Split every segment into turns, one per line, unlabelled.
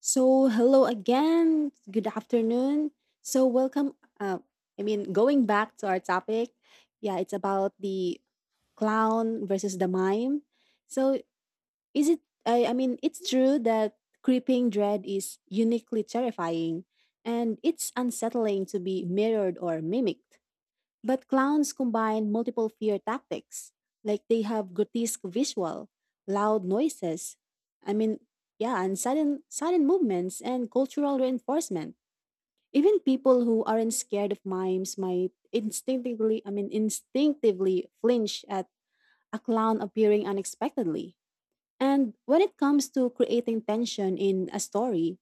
So, hello again. Good afternoon. So, welcome. Uh, Going back to our topic, yeah, it's about the clown versus the mime. So, is it, I mean, it's true that creeping dread is uniquely terrifying and it's unsettling to be mirrored or mimicked. But clowns combine multiple fear tactics. Like they have grotesque visual, loud noises. I mean, yeah, and sudden movements and cultural reinforcement. Even people who aren't scared of mimes might instinctively flinch at a clown appearing unexpectedly. And when it comes to creating tension in a story,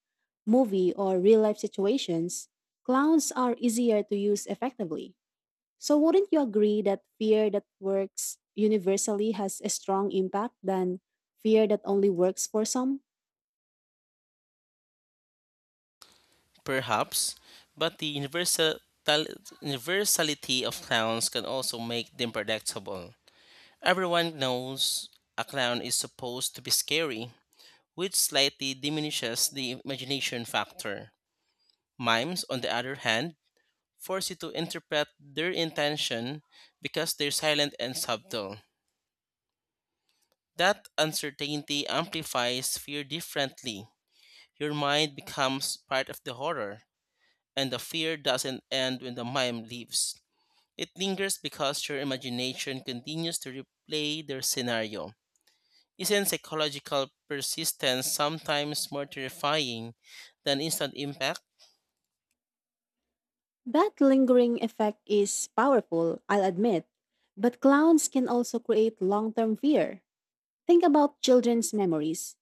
movie, or real life situations, clowns are easier to use effectively, so wouldn't you agree that fear that works universally has a strong impact than fear that only works for some?
Perhaps, but the universality of clowns can also make them predictable. Everyone knows a clown is supposed to be scary, which slightly diminishes the imagination factor. Mimes, on the other hand, force you to interpret their intention because they're silent and subtle. That uncertainty amplifies fear differently. Your mind becomes part of the horror, and the fear doesn't end when the mime leaves. It lingers because your imagination continues to replay their scenario. Isn't psychological persistence sometimes more terrifying than instant impact?
That lingering effect is powerful, I'll admit, but clowns can also create long term fear. Think about children's memories.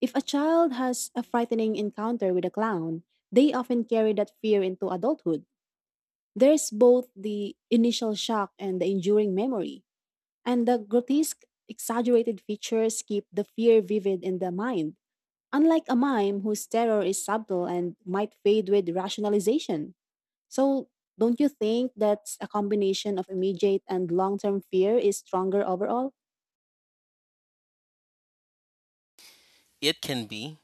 If a child has a frightening encounter with a clown, they often carry that fear into adulthood. There's both the initial shock and the enduring memory. And the grotesque, exaggerated features keep the fear vivid in the mind, unlike a mime whose terror is subtle and might fade with rationalization. So, don't you think that a combination of immediate and long term fear is stronger overall?
It can be,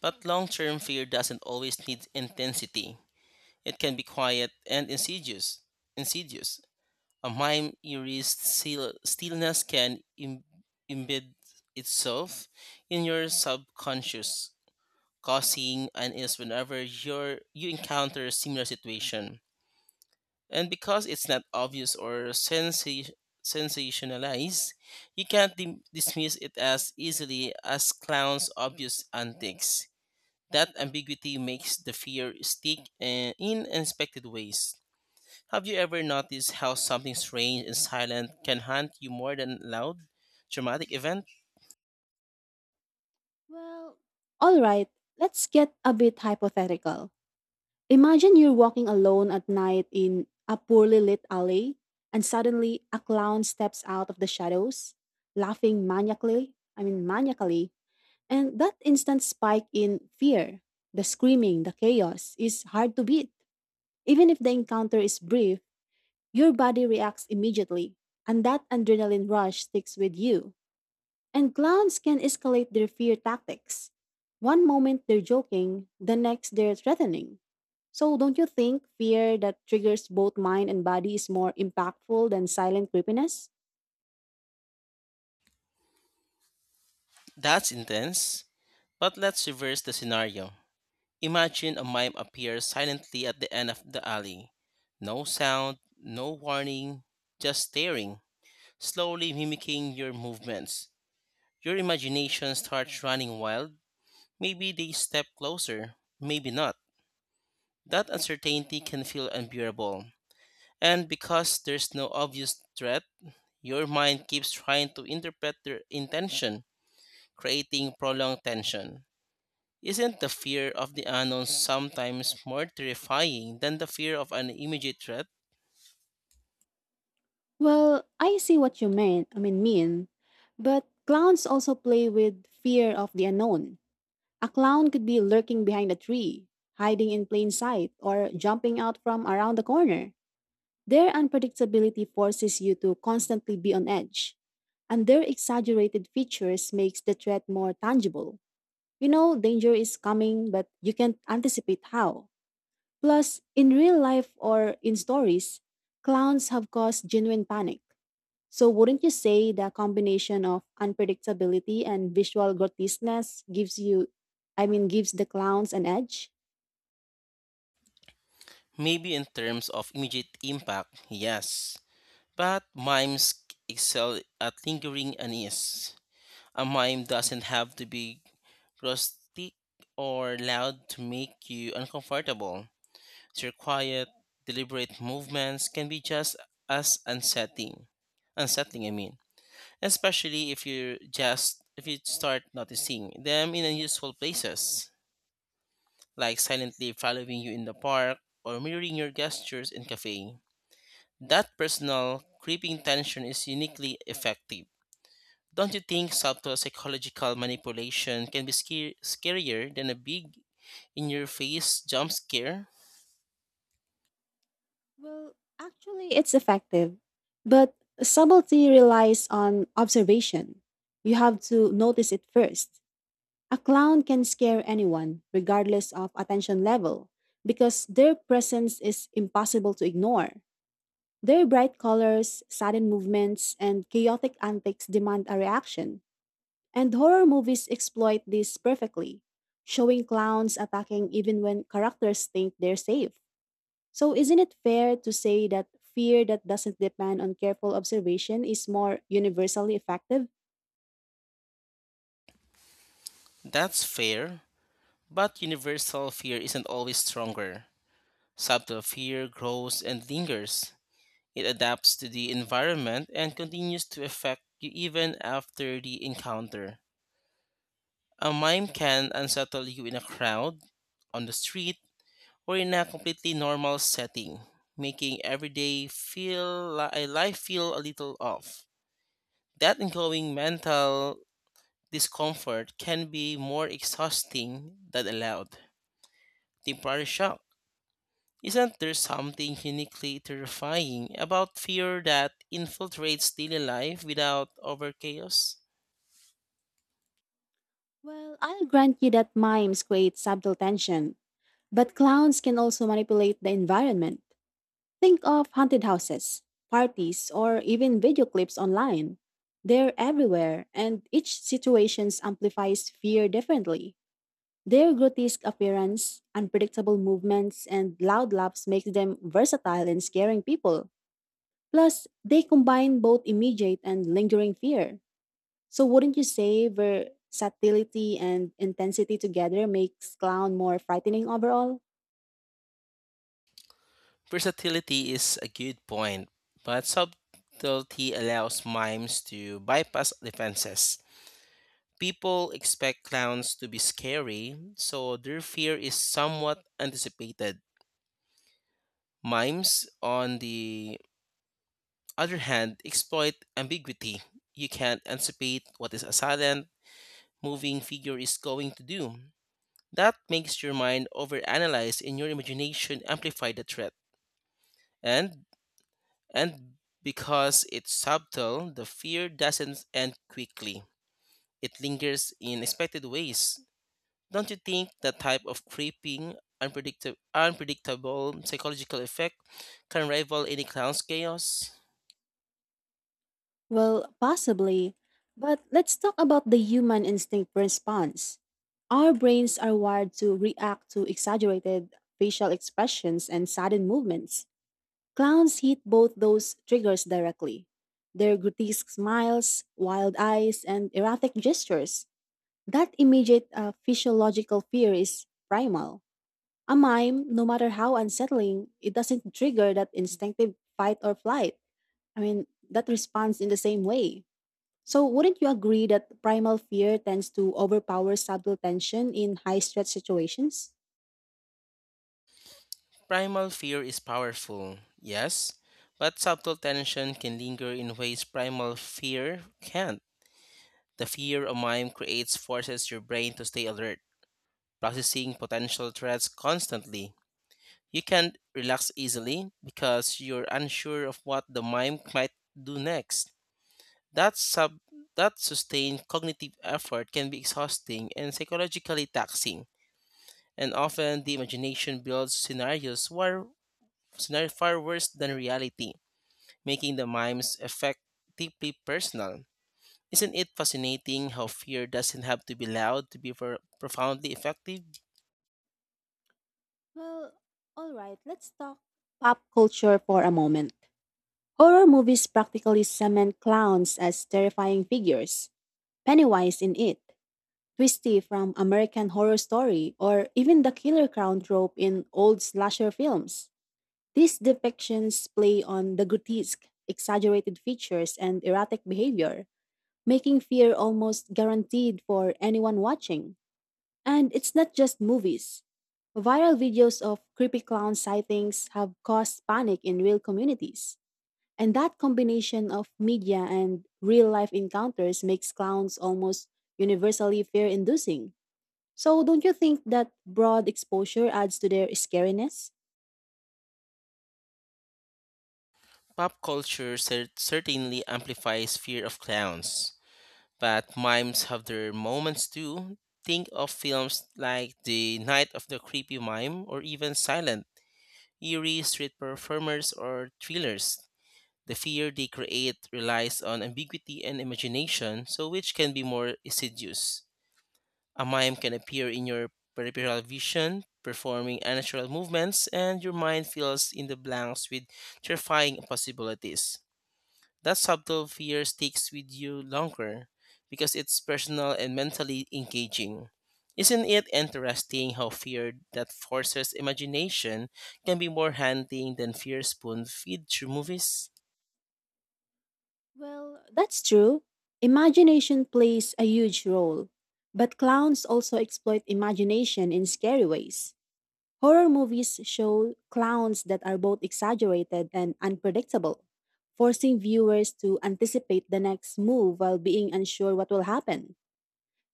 but long term fear doesn't always need intensity. It can be quiet and insidious. Insidious. A mime eerie stillness can embed itself in your subconscious, causing unease whenever you encounter a similar situation. And because it's not obvious or sensationalized, you can't dismiss it as easily as clown's obvious antics. That ambiguity makes the fear stick in unexpected ways. Have you ever noticed how something strange and silent can haunt you more than loud, dramatic event?
Well, All right, let's get a bit hypothetical. Imagine you're walking alone at night in a poorly lit alley, and suddenly a clown steps out of the shadows, laughing maniacally. And that instant spike in fear, the screaming, the chaos, is hard to beat. Even if the encounter is brief, your body reacts immediately, and that adrenaline rush sticks with you. And clowns can escalate their fear tactics. One moment they're joking, the next they're threatening. So, don't you think fear that triggers both mind and body is more impactful than silent creepiness?
That's intense. But let's reverse the scenario. Imagine a mime appears silently at the end of the alley. No sound, no warning, just staring, slowly mimicking your movements. Your imagination starts running wild. Maybe they step closer, maybe not. That uncertainty can feel unbearable. And because there's no obvious threat, your mind keeps trying to interpret their intention, creating prolonged tension. Isn't the fear of the unknown sometimes more terrifying than the fear of an immediate threat?
Well, I see what you mean. But clowns also play with fear of the unknown. A clown could be lurking behind a tree, hiding in plain sight, or jumping out from around the corner. Their unpredictability forces you to constantly be on edge, and their exaggerated features makes the threat more tangible. You know danger is coming, but you can't anticipate how. Plus, in real life or in stories, clowns have caused genuine panic, so wouldn't you say the combination of unpredictability and visual grotesqueness gives gives the clowns an edge?
Maybe in terms of immediate impact, yes. But mimes excel at lingering unease. A mime doesn't have to be rustic or loud to make you uncomfortable. Their quiet, deliberate movements can be just as unsettling. Unsettling, I mean, especially if you just if you start noticing them in unusual places, like silently following you in the park or mirroring your gestures in cafe. That personal creeping tension is uniquely effective. Don't you think subtle psychological manipulation can be scarier than a big in your face jump scare?
Well, actually, it's effective. But subtlety relies on observation. You have to notice it first. A clown can scare anyone, regardless of attention level, because their presence is impossible to ignore. Their bright colors, sudden movements, and chaotic antics demand a reaction. And horror movies exploit this perfectly, showing clowns attacking even when characters think they're safe. So, isn't it fair to say that fear that doesn't depend on careful observation is more universally effective?
That's fair, but universal fear isn't always stronger. Subtle fear grows and lingers. It adapts to the environment and continues to affect you even after the encounter. A mime can unsettle you in a crowd, on the street, or in a completely normal setting, making every day feel li- a life feel a little off. That ongoing mental discomfort can be more exhausting than allowed. Temporary shock. Isn't there something uniquely terrifying about fear that infiltrates daily life without over chaos?
Well, I'll grant you that mimes create subtle tension, but clowns can also manipulate the environment. Think of haunted houses, parties, or even video clips online. They're everywhere, and each situation amplifies fear differently. Their grotesque appearance, unpredictable movements, and loud laughs makes them versatile in scaring people. Plus, they combine both immediate and lingering fear. So wouldn't you say versatility and intensity together makes clown more frightening overall?
Versatility is a good point, but subtlety allows mimes to bypass defenses. People expect clowns to be scary, so their fear is somewhat anticipated. Mimes, on the other hand, exploit ambiguity. You can't anticipate what is a silent, moving figure is going to do. That makes your mind overanalyze and your imagination amplify the threat. And and because it's subtle, the fear doesn't end quickly. It lingers in expected ways. Don't you think that type of creeping, unpredictable psychological effect can rival any clown's chaos?
Well, possibly. But let's talk about the human instinct response. Our brains are wired to react to exaggerated facial expressions and sudden movements. Clowns hit both those triggers directly. Their grotesque smiles, wild eyes, and erratic gestures. That immediate physiological fear is primal. A mime, no matter how unsettling, it doesn't trigger that instinctive fight or flight. I mean, that responds in the same way. So, wouldn't you agree that primal fear tends to overpower subtle tension in high stress situations?
Primal fear is powerful, yes, but subtle tension can linger in ways primal fear can't. The fear of mime creates forces your brain to stay alert, processing potential threats constantly. You can't relax easily because you're unsure of what the mime might do next. That sub that sustained cognitive effort can be exhausting and psychologically taxing, and often the imagination builds scenarios where scenario far worse than reality, making the mime's effect deeply personal. Isn't it fascinating how fear doesn't have to be loud to be profoundly effective?
Well, all right, let's talk pop culture for a moment. Horror movies practically cement clowns as terrifying figures. Pennywise in It, Twisty from American Horror Story, or even the killer clown trope in old slasher films. These depictions play on the grotesque, exaggerated features, and erratic behavior, making fear almost guaranteed for anyone watching. And it's not just movies. Viral videos of creepy clown sightings have caused panic in real communities. And that combination of media and real life encounters makes clowns almost universally fear inducing. So, don't you think that broad exposure adds to their scariness?
Pop culture certainly amplifies fear of clowns, but mimes have their moments too. Think of films like The Night of the Creepy Mime or even Silent, eerie street performers or thrillers. The fear they create relies on ambiguity and imagination, so which can be more insidious. A mime can appear in your peripheral vision, performing unnatural movements, and your mind fills in the blanks with terrifying possibilities. That subtle fear sticks with you longer because it's personal and mentally engaging. Isn't it interesting how fear that forces imagination can be more haunting than fear spoon feed through movies?
Well, that's true. Imagination plays a huge role. But clowns also exploit imagination in scary ways. Horror movies show clowns that are both exaggerated and unpredictable, forcing viewers to anticipate the next move while being unsure what will happen.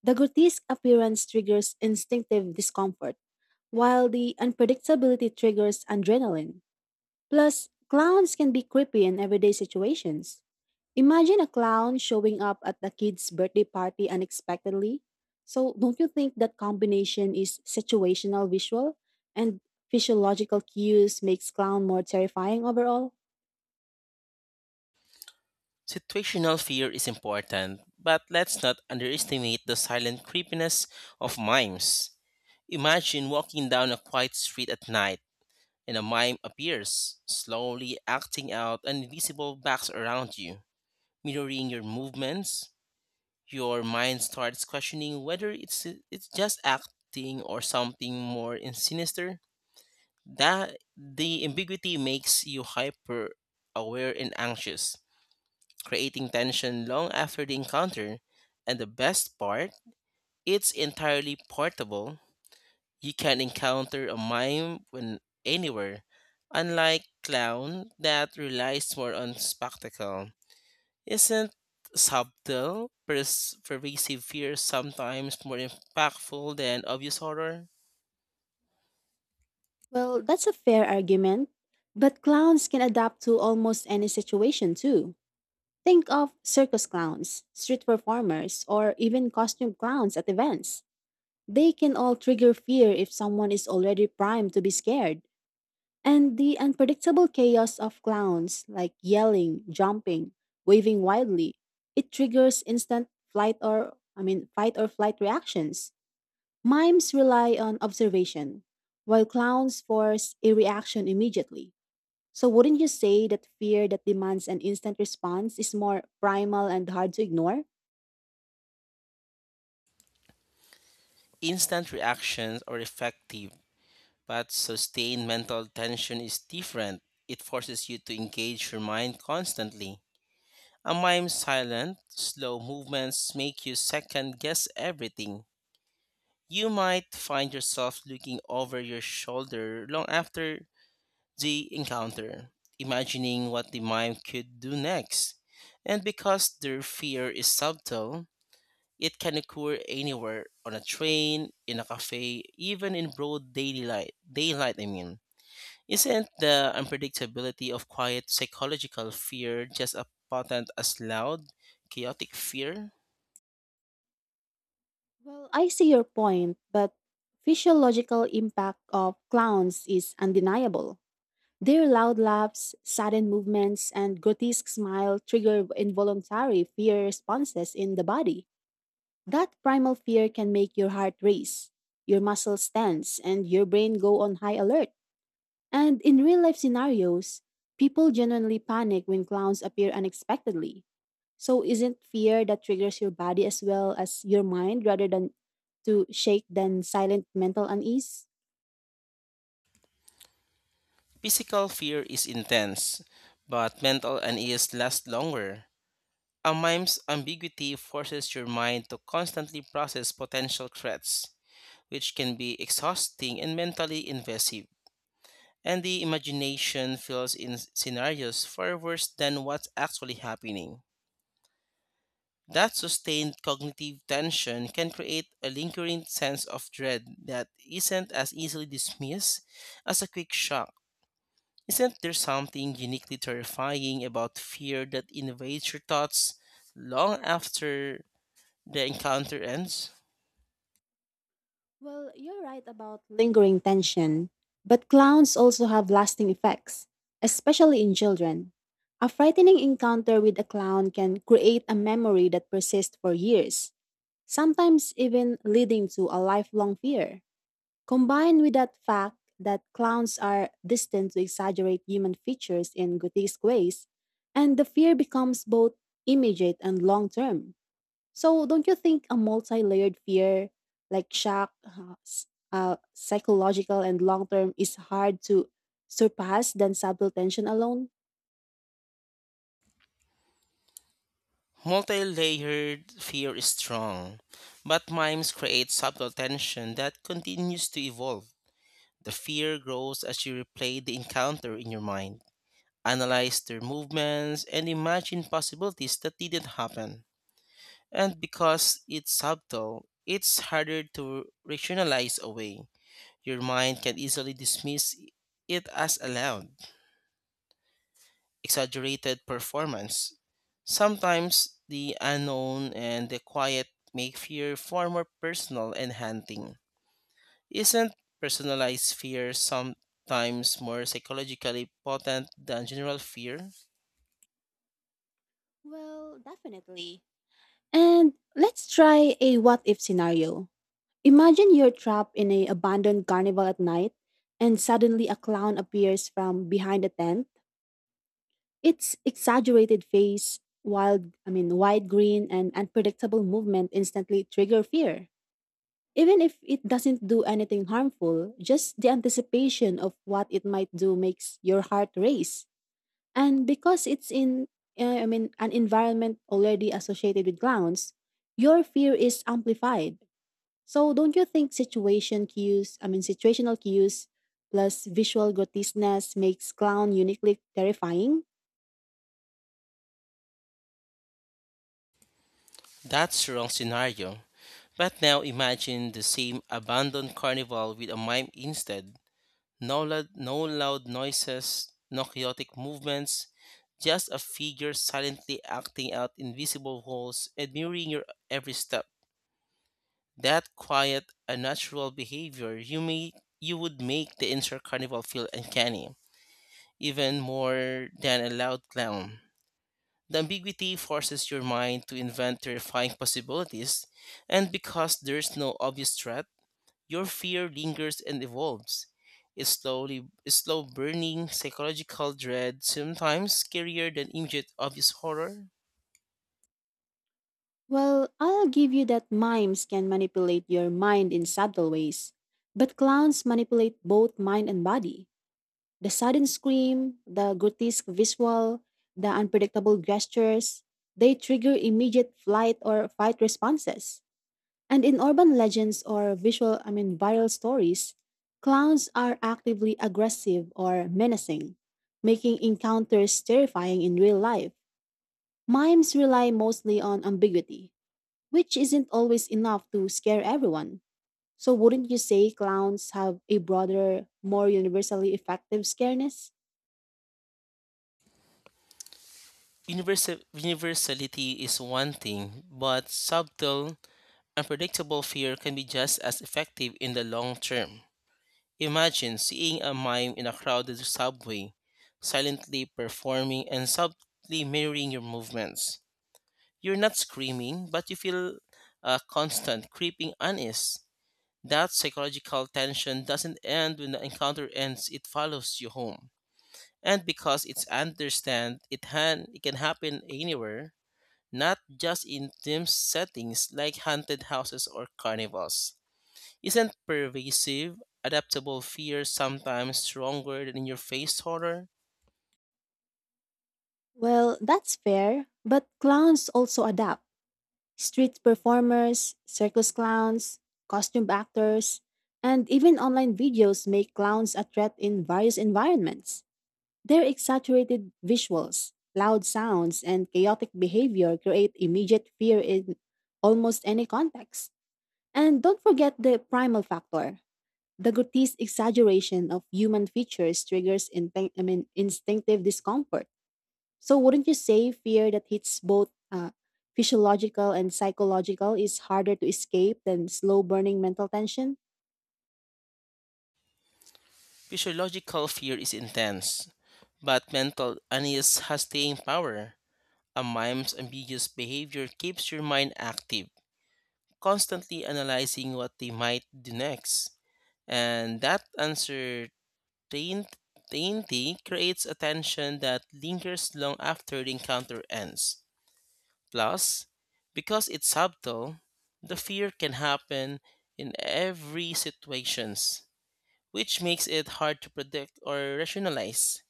The grotesque appearance triggers instinctive discomfort, while the unpredictability triggers adrenaline. Plus, clowns can be creepy in everyday situations. Imagine a clown showing up at a kid's birthday party unexpectedly. So, don't you think that combination is situational visual and physiological cues makes clown more terrifying overall?
Situational fear is important, but let's not underestimate the silent creepiness of mimes. Imagine walking down a quiet street at night and a mime appears, slowly acting out an invisible box around you, mirroring your movements. Your mind starts questioning whether it's just acting or something more in sinister. That the ambiguity makes you hyper aware and anxious, creating tension long after the encounter. And the best part, it's entirely portable. You can encounter a mime when anywhere, unlike clown that relies more on spectacle. Isn't subtle, pervasive fear sometimes more impactful than obvious horror?
Well, that's a fair argument, but clowns can adapt to almost any situation too. Think of circus clowns, street performers, or even costume clowns at events. They can all trigger fear if someone is already primed to be scared. And the unpredictable chaos of clowns, like yelling, jumping, waving wildly, it triggers instant flight or, I mean, fight or flight reactions. Mimes rely on observation, while clowns force a reaction immediately. So, wouldn't you say that fear that demands an instant response is more primal and hard to ignore?
Instant reactions are effective, but sustained mental tension is different. It forces you to engage your mind constantly. A mime's silent, slow movements make you second guess everything. You might find yourself looking over your shoulder long after the encounter, imagining what the mime could do next. And because their fear is subtle, it can occur anywhere on a train, in a cafe, even in broad daylight. Daylight, I mean. Isn't the unpredictability of quiet psychological fear just as potent as loud, chaotic fear?
Well, I see your point, but physiological impact of clowns is undeniable. Their loud laughs, sudden movements, and grotesque smile trigger involuntary fear responses in the body. That primal fear can make your heart race, your muscles tense, and your brain go on high alert. And in real life scenarios, people genuinely panic when clowns appear unexpectedly. So isn't fear that triggers your body as well as your mind rather than to shake than silent mental unease?
Physical fear is intense, but mental unease lasts longer. A mime's ambiguity forces your mind to constantly process potential threats, which can be exhausting and mentally invasive. And the imagination fills in scenarios far worse than what's actually happening. That sustained cognitive tension can create a lingering sense of dread that isn't as easily dismissed as a quick shock. Isn't there something uniquely terrifying about fear that invades your thoughts long after the encounter ends?
Well, you're right about lingering tension, but clowns also have lasting effects, especially in children. A frightening encounter with a clown can create a memory that persists for years, sometimes even leading to a lifelong fear. Combined with that fact that clowns are destined to exaggerate human features in grotesque ways, and the fear becomes both immediate and long term. So, don't you think a multi layered fear like shock, psychological, and long term is hard to surpass than subtle tension alone?
Multi layered fear is strong, but mimes create subtle tension that continues to evolve. The fear grows as you replay the encounter in your mind, analyze their movements, and imagine possibilities that didn't happen. And because it's subtle, it's harder to rationalize away. Your mind can easily dismiss it as allowed, exaggerated performance. Sometimes the unknown and the quiet make fear far more personal and haunting. Isn't personalized fear sometimes more psychologically potent than general fear?
Well, definitely. And let's try a what if scenario. Imagine you're trapped in an abandoned carnival at night, and suddenly a clown appears from behind a tent. Its exaggerated face, wide grin, and unpredictable movement instantly trigger fear. Even if it doesn't do anything harmful, just the anticipation of what it might do makes your heart race. And because it's an environment already associated with clowns, your fear is amplified. So don't you think situational cues plus visual grotesqueness makes clown uniquely terrifying?
That's the wrong scenario. But now imagine the same abandoned carnival with a mime instead. No loud noises, no chaotic movements, just a figure silently acting out invisible roles, admiring your every step. That quiet, unnatural behavior you would make the entire carnival feel uncanny, even more than a loud clown. The ambiguity forces your mind to invent terrifying possibilities, and because there's no obvious threat, your fear lingers and evolves. It's slow burning psychological dread, sometimes scarier than immediate obvious horror.
Well, I'll give you that mimes can manipulate your mind in subtle ways, but clowns manipulate both mind and body. The sudden scream, the grotesque visual, the unpredictable gestures, they trigger immediate flight or fight responses. And in urban legends or viral stories, clowns are actively aggressive or menacing, making encounters terrifying in real life. Mimes rely mostly on ambiguity, which isn't always enough to scare everyone. So, wouldn't you say clowns have a broader, more universally effective scareness?
Universality is one thing, but subtle, unpredictable fear can be just as effective in the long term. Imagine seeing a mime in a crowded subway, silently performing and subtly mirroring your movements. You're not screaming, but you feel a constant creeping unease. That psychological tension doesn't end when the encounter ends, it follows you home. And because it's understand, it, han- it can happen anywhere, not just in dim settings like haunted houses or carnivals. Isn't pervasive, adaptable fear sometimes stronger than in your face horror?
Well, that's fair, but clowns also adapt. Street performers, circus clowns, costume actors, and even online videos make clowns a threat in various environments. Their exaggerated visuals, loud sounds, and chaotic behavior create immediate fear in almost any context. And don't forget the primal factor. The grotesque exaggeration of human features triggers instinctive discomfort, so wouldn't you say fear that hits both physiological and psychological is harder to escape than slow burning mental tension?
Physiological fear is intense, but mental unease has staying power. A mime's ambiguous behavior keeps your mind active, constantly analyzing what they might do next. And that uncertainty creates a tension that lingers long after the encounter ends. Plus, because it's subtle, the fear can happen in every situations, which makes it hard to predict or rationalize.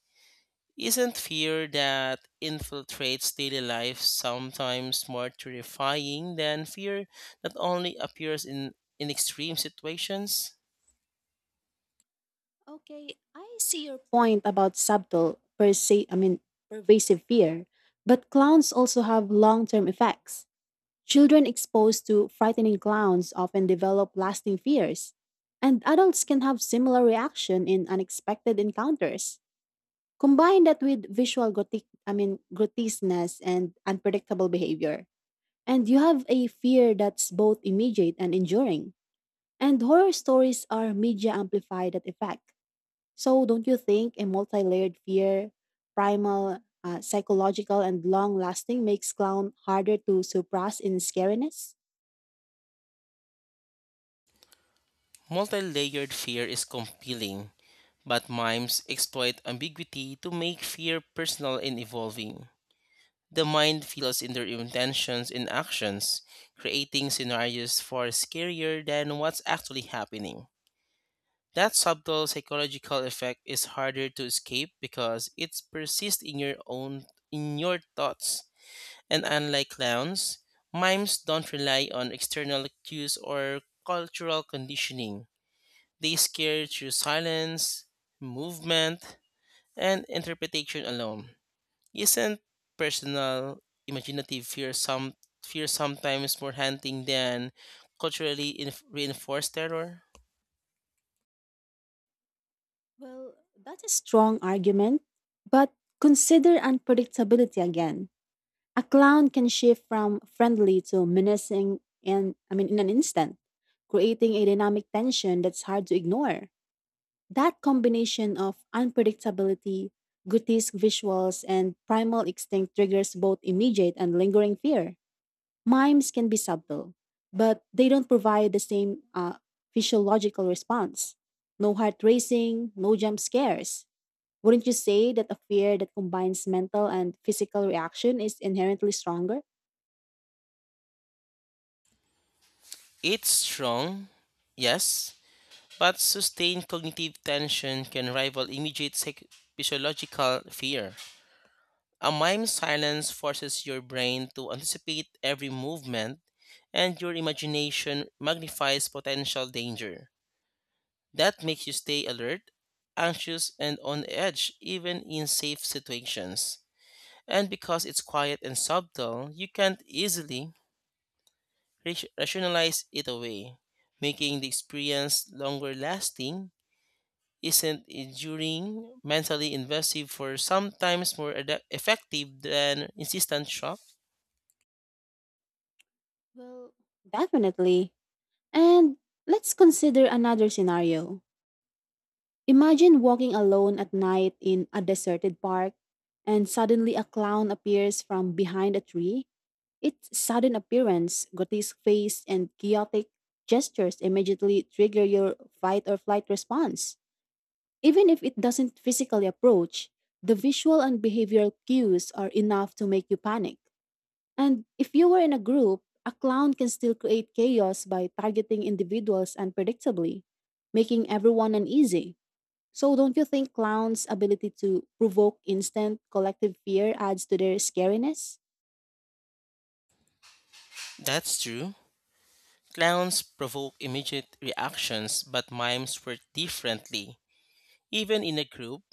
Isn't fear that infiltrates daily life sometimes more terrifying than fear that only appears in extreme situations?
Okay, I see your point about subtle, per se, I mean, pervasive fear, but clowns also have long term effects. Children exposed to frightening clowns often develop lasting fears, and adults can have similar reaction in unexpected encounters. Combine that with visual grotesqueness and unpredictable behavior, and you have a fear that's both immediate and enduring. And horror stories are media amplified that effect. So don't you think a multi-layered fear, primal, psychological, and long-lasting makes clown harder to suppress in scariness?
Multi layered fear is compelling, but mimes exploit ambiguity to make fear personal and evolving. The mind feels in their intentions and actions, creating scenarios far scarier than what's actually happening. That subtle psychological effect is harder to escape because it persists in your thoughts. And unlike clowns, mimes don't rely on external cues or cultural conditioning. They scare through silence, movement, and interpretation alone. Isn't personal imaginative fear sometimes more haunting than culturally reinforced terror?
Well, that's a strong argument. But consider unpredictability again. A clown can shift from friendly to menacing, and I mean in an instant, creating a dynamic tension that's hard to ignore. That combination of unpredictability, grotesque visuals, and primal instinct triggers both immediate and lingering fear. Mimes can be subtle, but they don't provide the same physiological response. No heart racing, no jump scares. Wouldn't you say that a fear that combines mental and physical reaction is inherently stronger?
It's strong, yes, but sustained cognitive tension can rival immediate physiological fear. A mime silence forces your brain to anticipate every movement, and your imagination magnifies potential danger. That makes you stay alert, anxious, and on edge even in safe situations. And because it's quiet and subtle, you can't easily rationalize it away, making the experience longer lasting. Isn't enduring, mentally invasive, for sometimes more effective than insistent shock?
Well, definitely. And let's consider another scenario. Imagine walking alone at night in a deserted park and suddenly a clown appears from behind a tree. Its sudden appearance, grotesque face, and chaotic gestures immediately trigger your fight or flight response. Even if it doesn't physically approach, the visual and behavioral cues are enough to make you panic. And if you were in a group, a clown can still create chaos by targeting individuals unpredictably, making everyone uneasy. So, don't you think clowns' ability to provoke instant collective fear adds to their scariness?
That's true. Clowns provoke immediate reactions, but mimes work differently. Even in a group,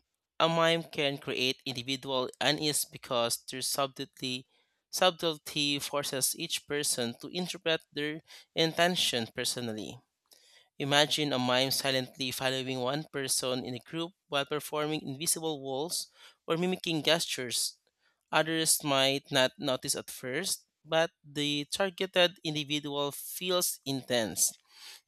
a mime can create individual unease because their subtlety forces each person to interpret their intention personally. Imagine a mime silently following one person in a group while performing invisible walls or mimicking gestures. Others might not notice at first, but the targeted individual feels intense,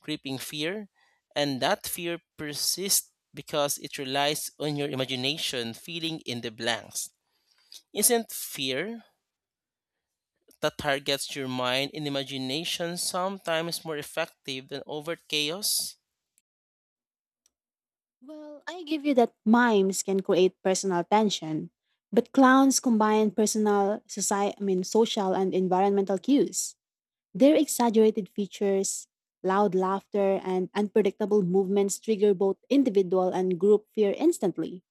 creeping fear, and that fear persists because it relies on your imagination filling in the blanks. Isn't fear that targets your mind and imagination sometimes more effective than overt chaos?
Well, I give you that mimes can create personal tension, but clowns combine personal, social and environmental cues. Their exaggerated features, loud laughter, and unpredictable movements trigger both individual and group fear instantly.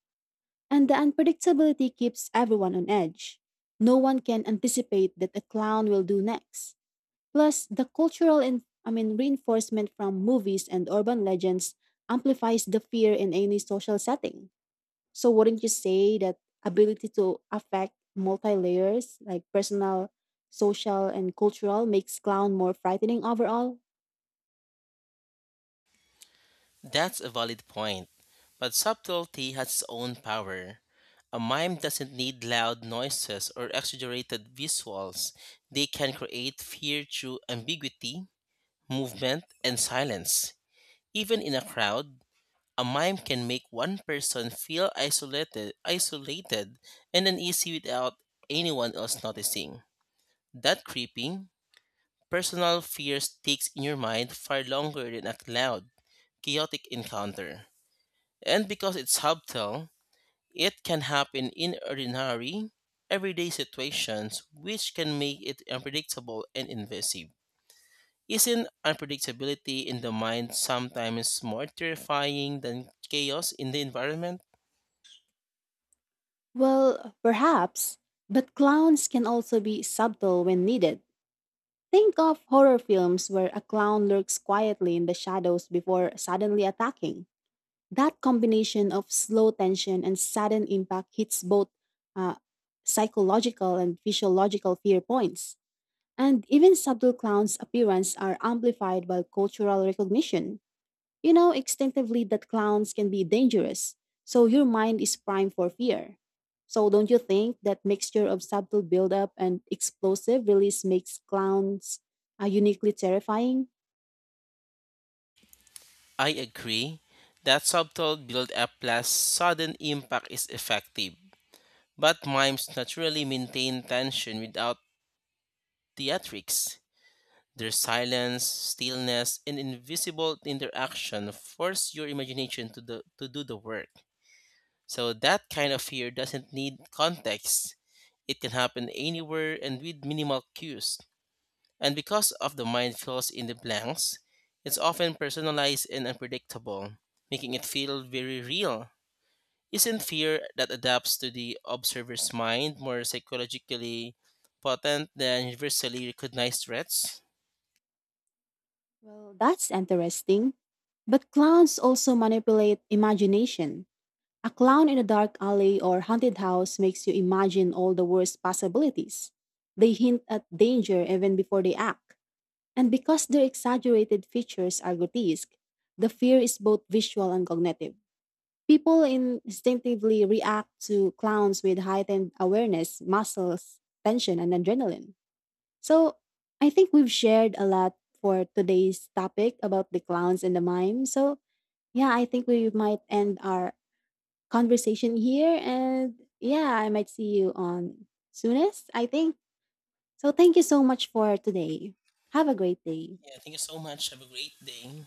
And the unpredictability keeps everyone on edge. No one can anticipate that a clown will do next. Plus, the cultural and I mean reinforcement from movies and urban legends amplifies the fear in any social setting. So wouldn't you say that ability to affect multi layers like personal, social and cultural makes clown more frightening overall?
That's a valid point, but subtlety has its own power. A mime doesn't need loud noises or exaggerated visuals. They can create fear through ambiguity, movement, and silence. Even in a crowd, a mime can make one person feel isolated and uneasy without anyone else noticing. That creeping, personal fear sticks in your mind far longer than a loud, chaotic encounter. And because it's subtle, it can happen in ordinary, everyday situations, which can make it unpredictable and invasive. Isn't unpredictability in the mind sometimes more terrifying than chaos in the environment?
Well, perhaps, but clowns can also be subtle when needed. Think of horror films where a clown lurks quietly in the shadows before suddenly attacking. That combination of slow tension and sudden impact hits both uh, psychological and physiological fear points. And even subtle clowns' appearance are amplified by cultural recognition. You know instinctively that clowns can be dangerous, so your mind is primed for fear. So don't you think that mixture of subtle buildup and explosive release makes clowns uniquely terrifying?
I agree that subtle build up plus sudden impact is effective, but mimes naturally maintain tension without theatrics. Their silence, stillness, and invisible interaction force your imagination to do the work. So that kind of fear doesn't need context. It can happen anywhere and with minimal cues. And because of the mind fills in the blanks, it's often personalized and unpredictable, making it feel very real. Isn't fear that adapts to the observer's mind more psychologically potent than universally recognized threats?
Well, that's interesting. But clowns also manipulate imagination. A clown in a dark alley or haunted house makes you imagine all the worst possibilities. They hint at danger even before they act. And because their exaggerated features are grotesque, the fear is both visual and cognitive. People instinctively react to clowns with heightened awareness, muscles, tension, and adrenaline. So I think we've shared a lot for today's topic about the clowns and the mime. So yeah, I think we might end our conversation here. And yeah, I might see you on soonest, I think. So thank you so much for today. Have a great day.
Yeah, thank you so much. Have a great day.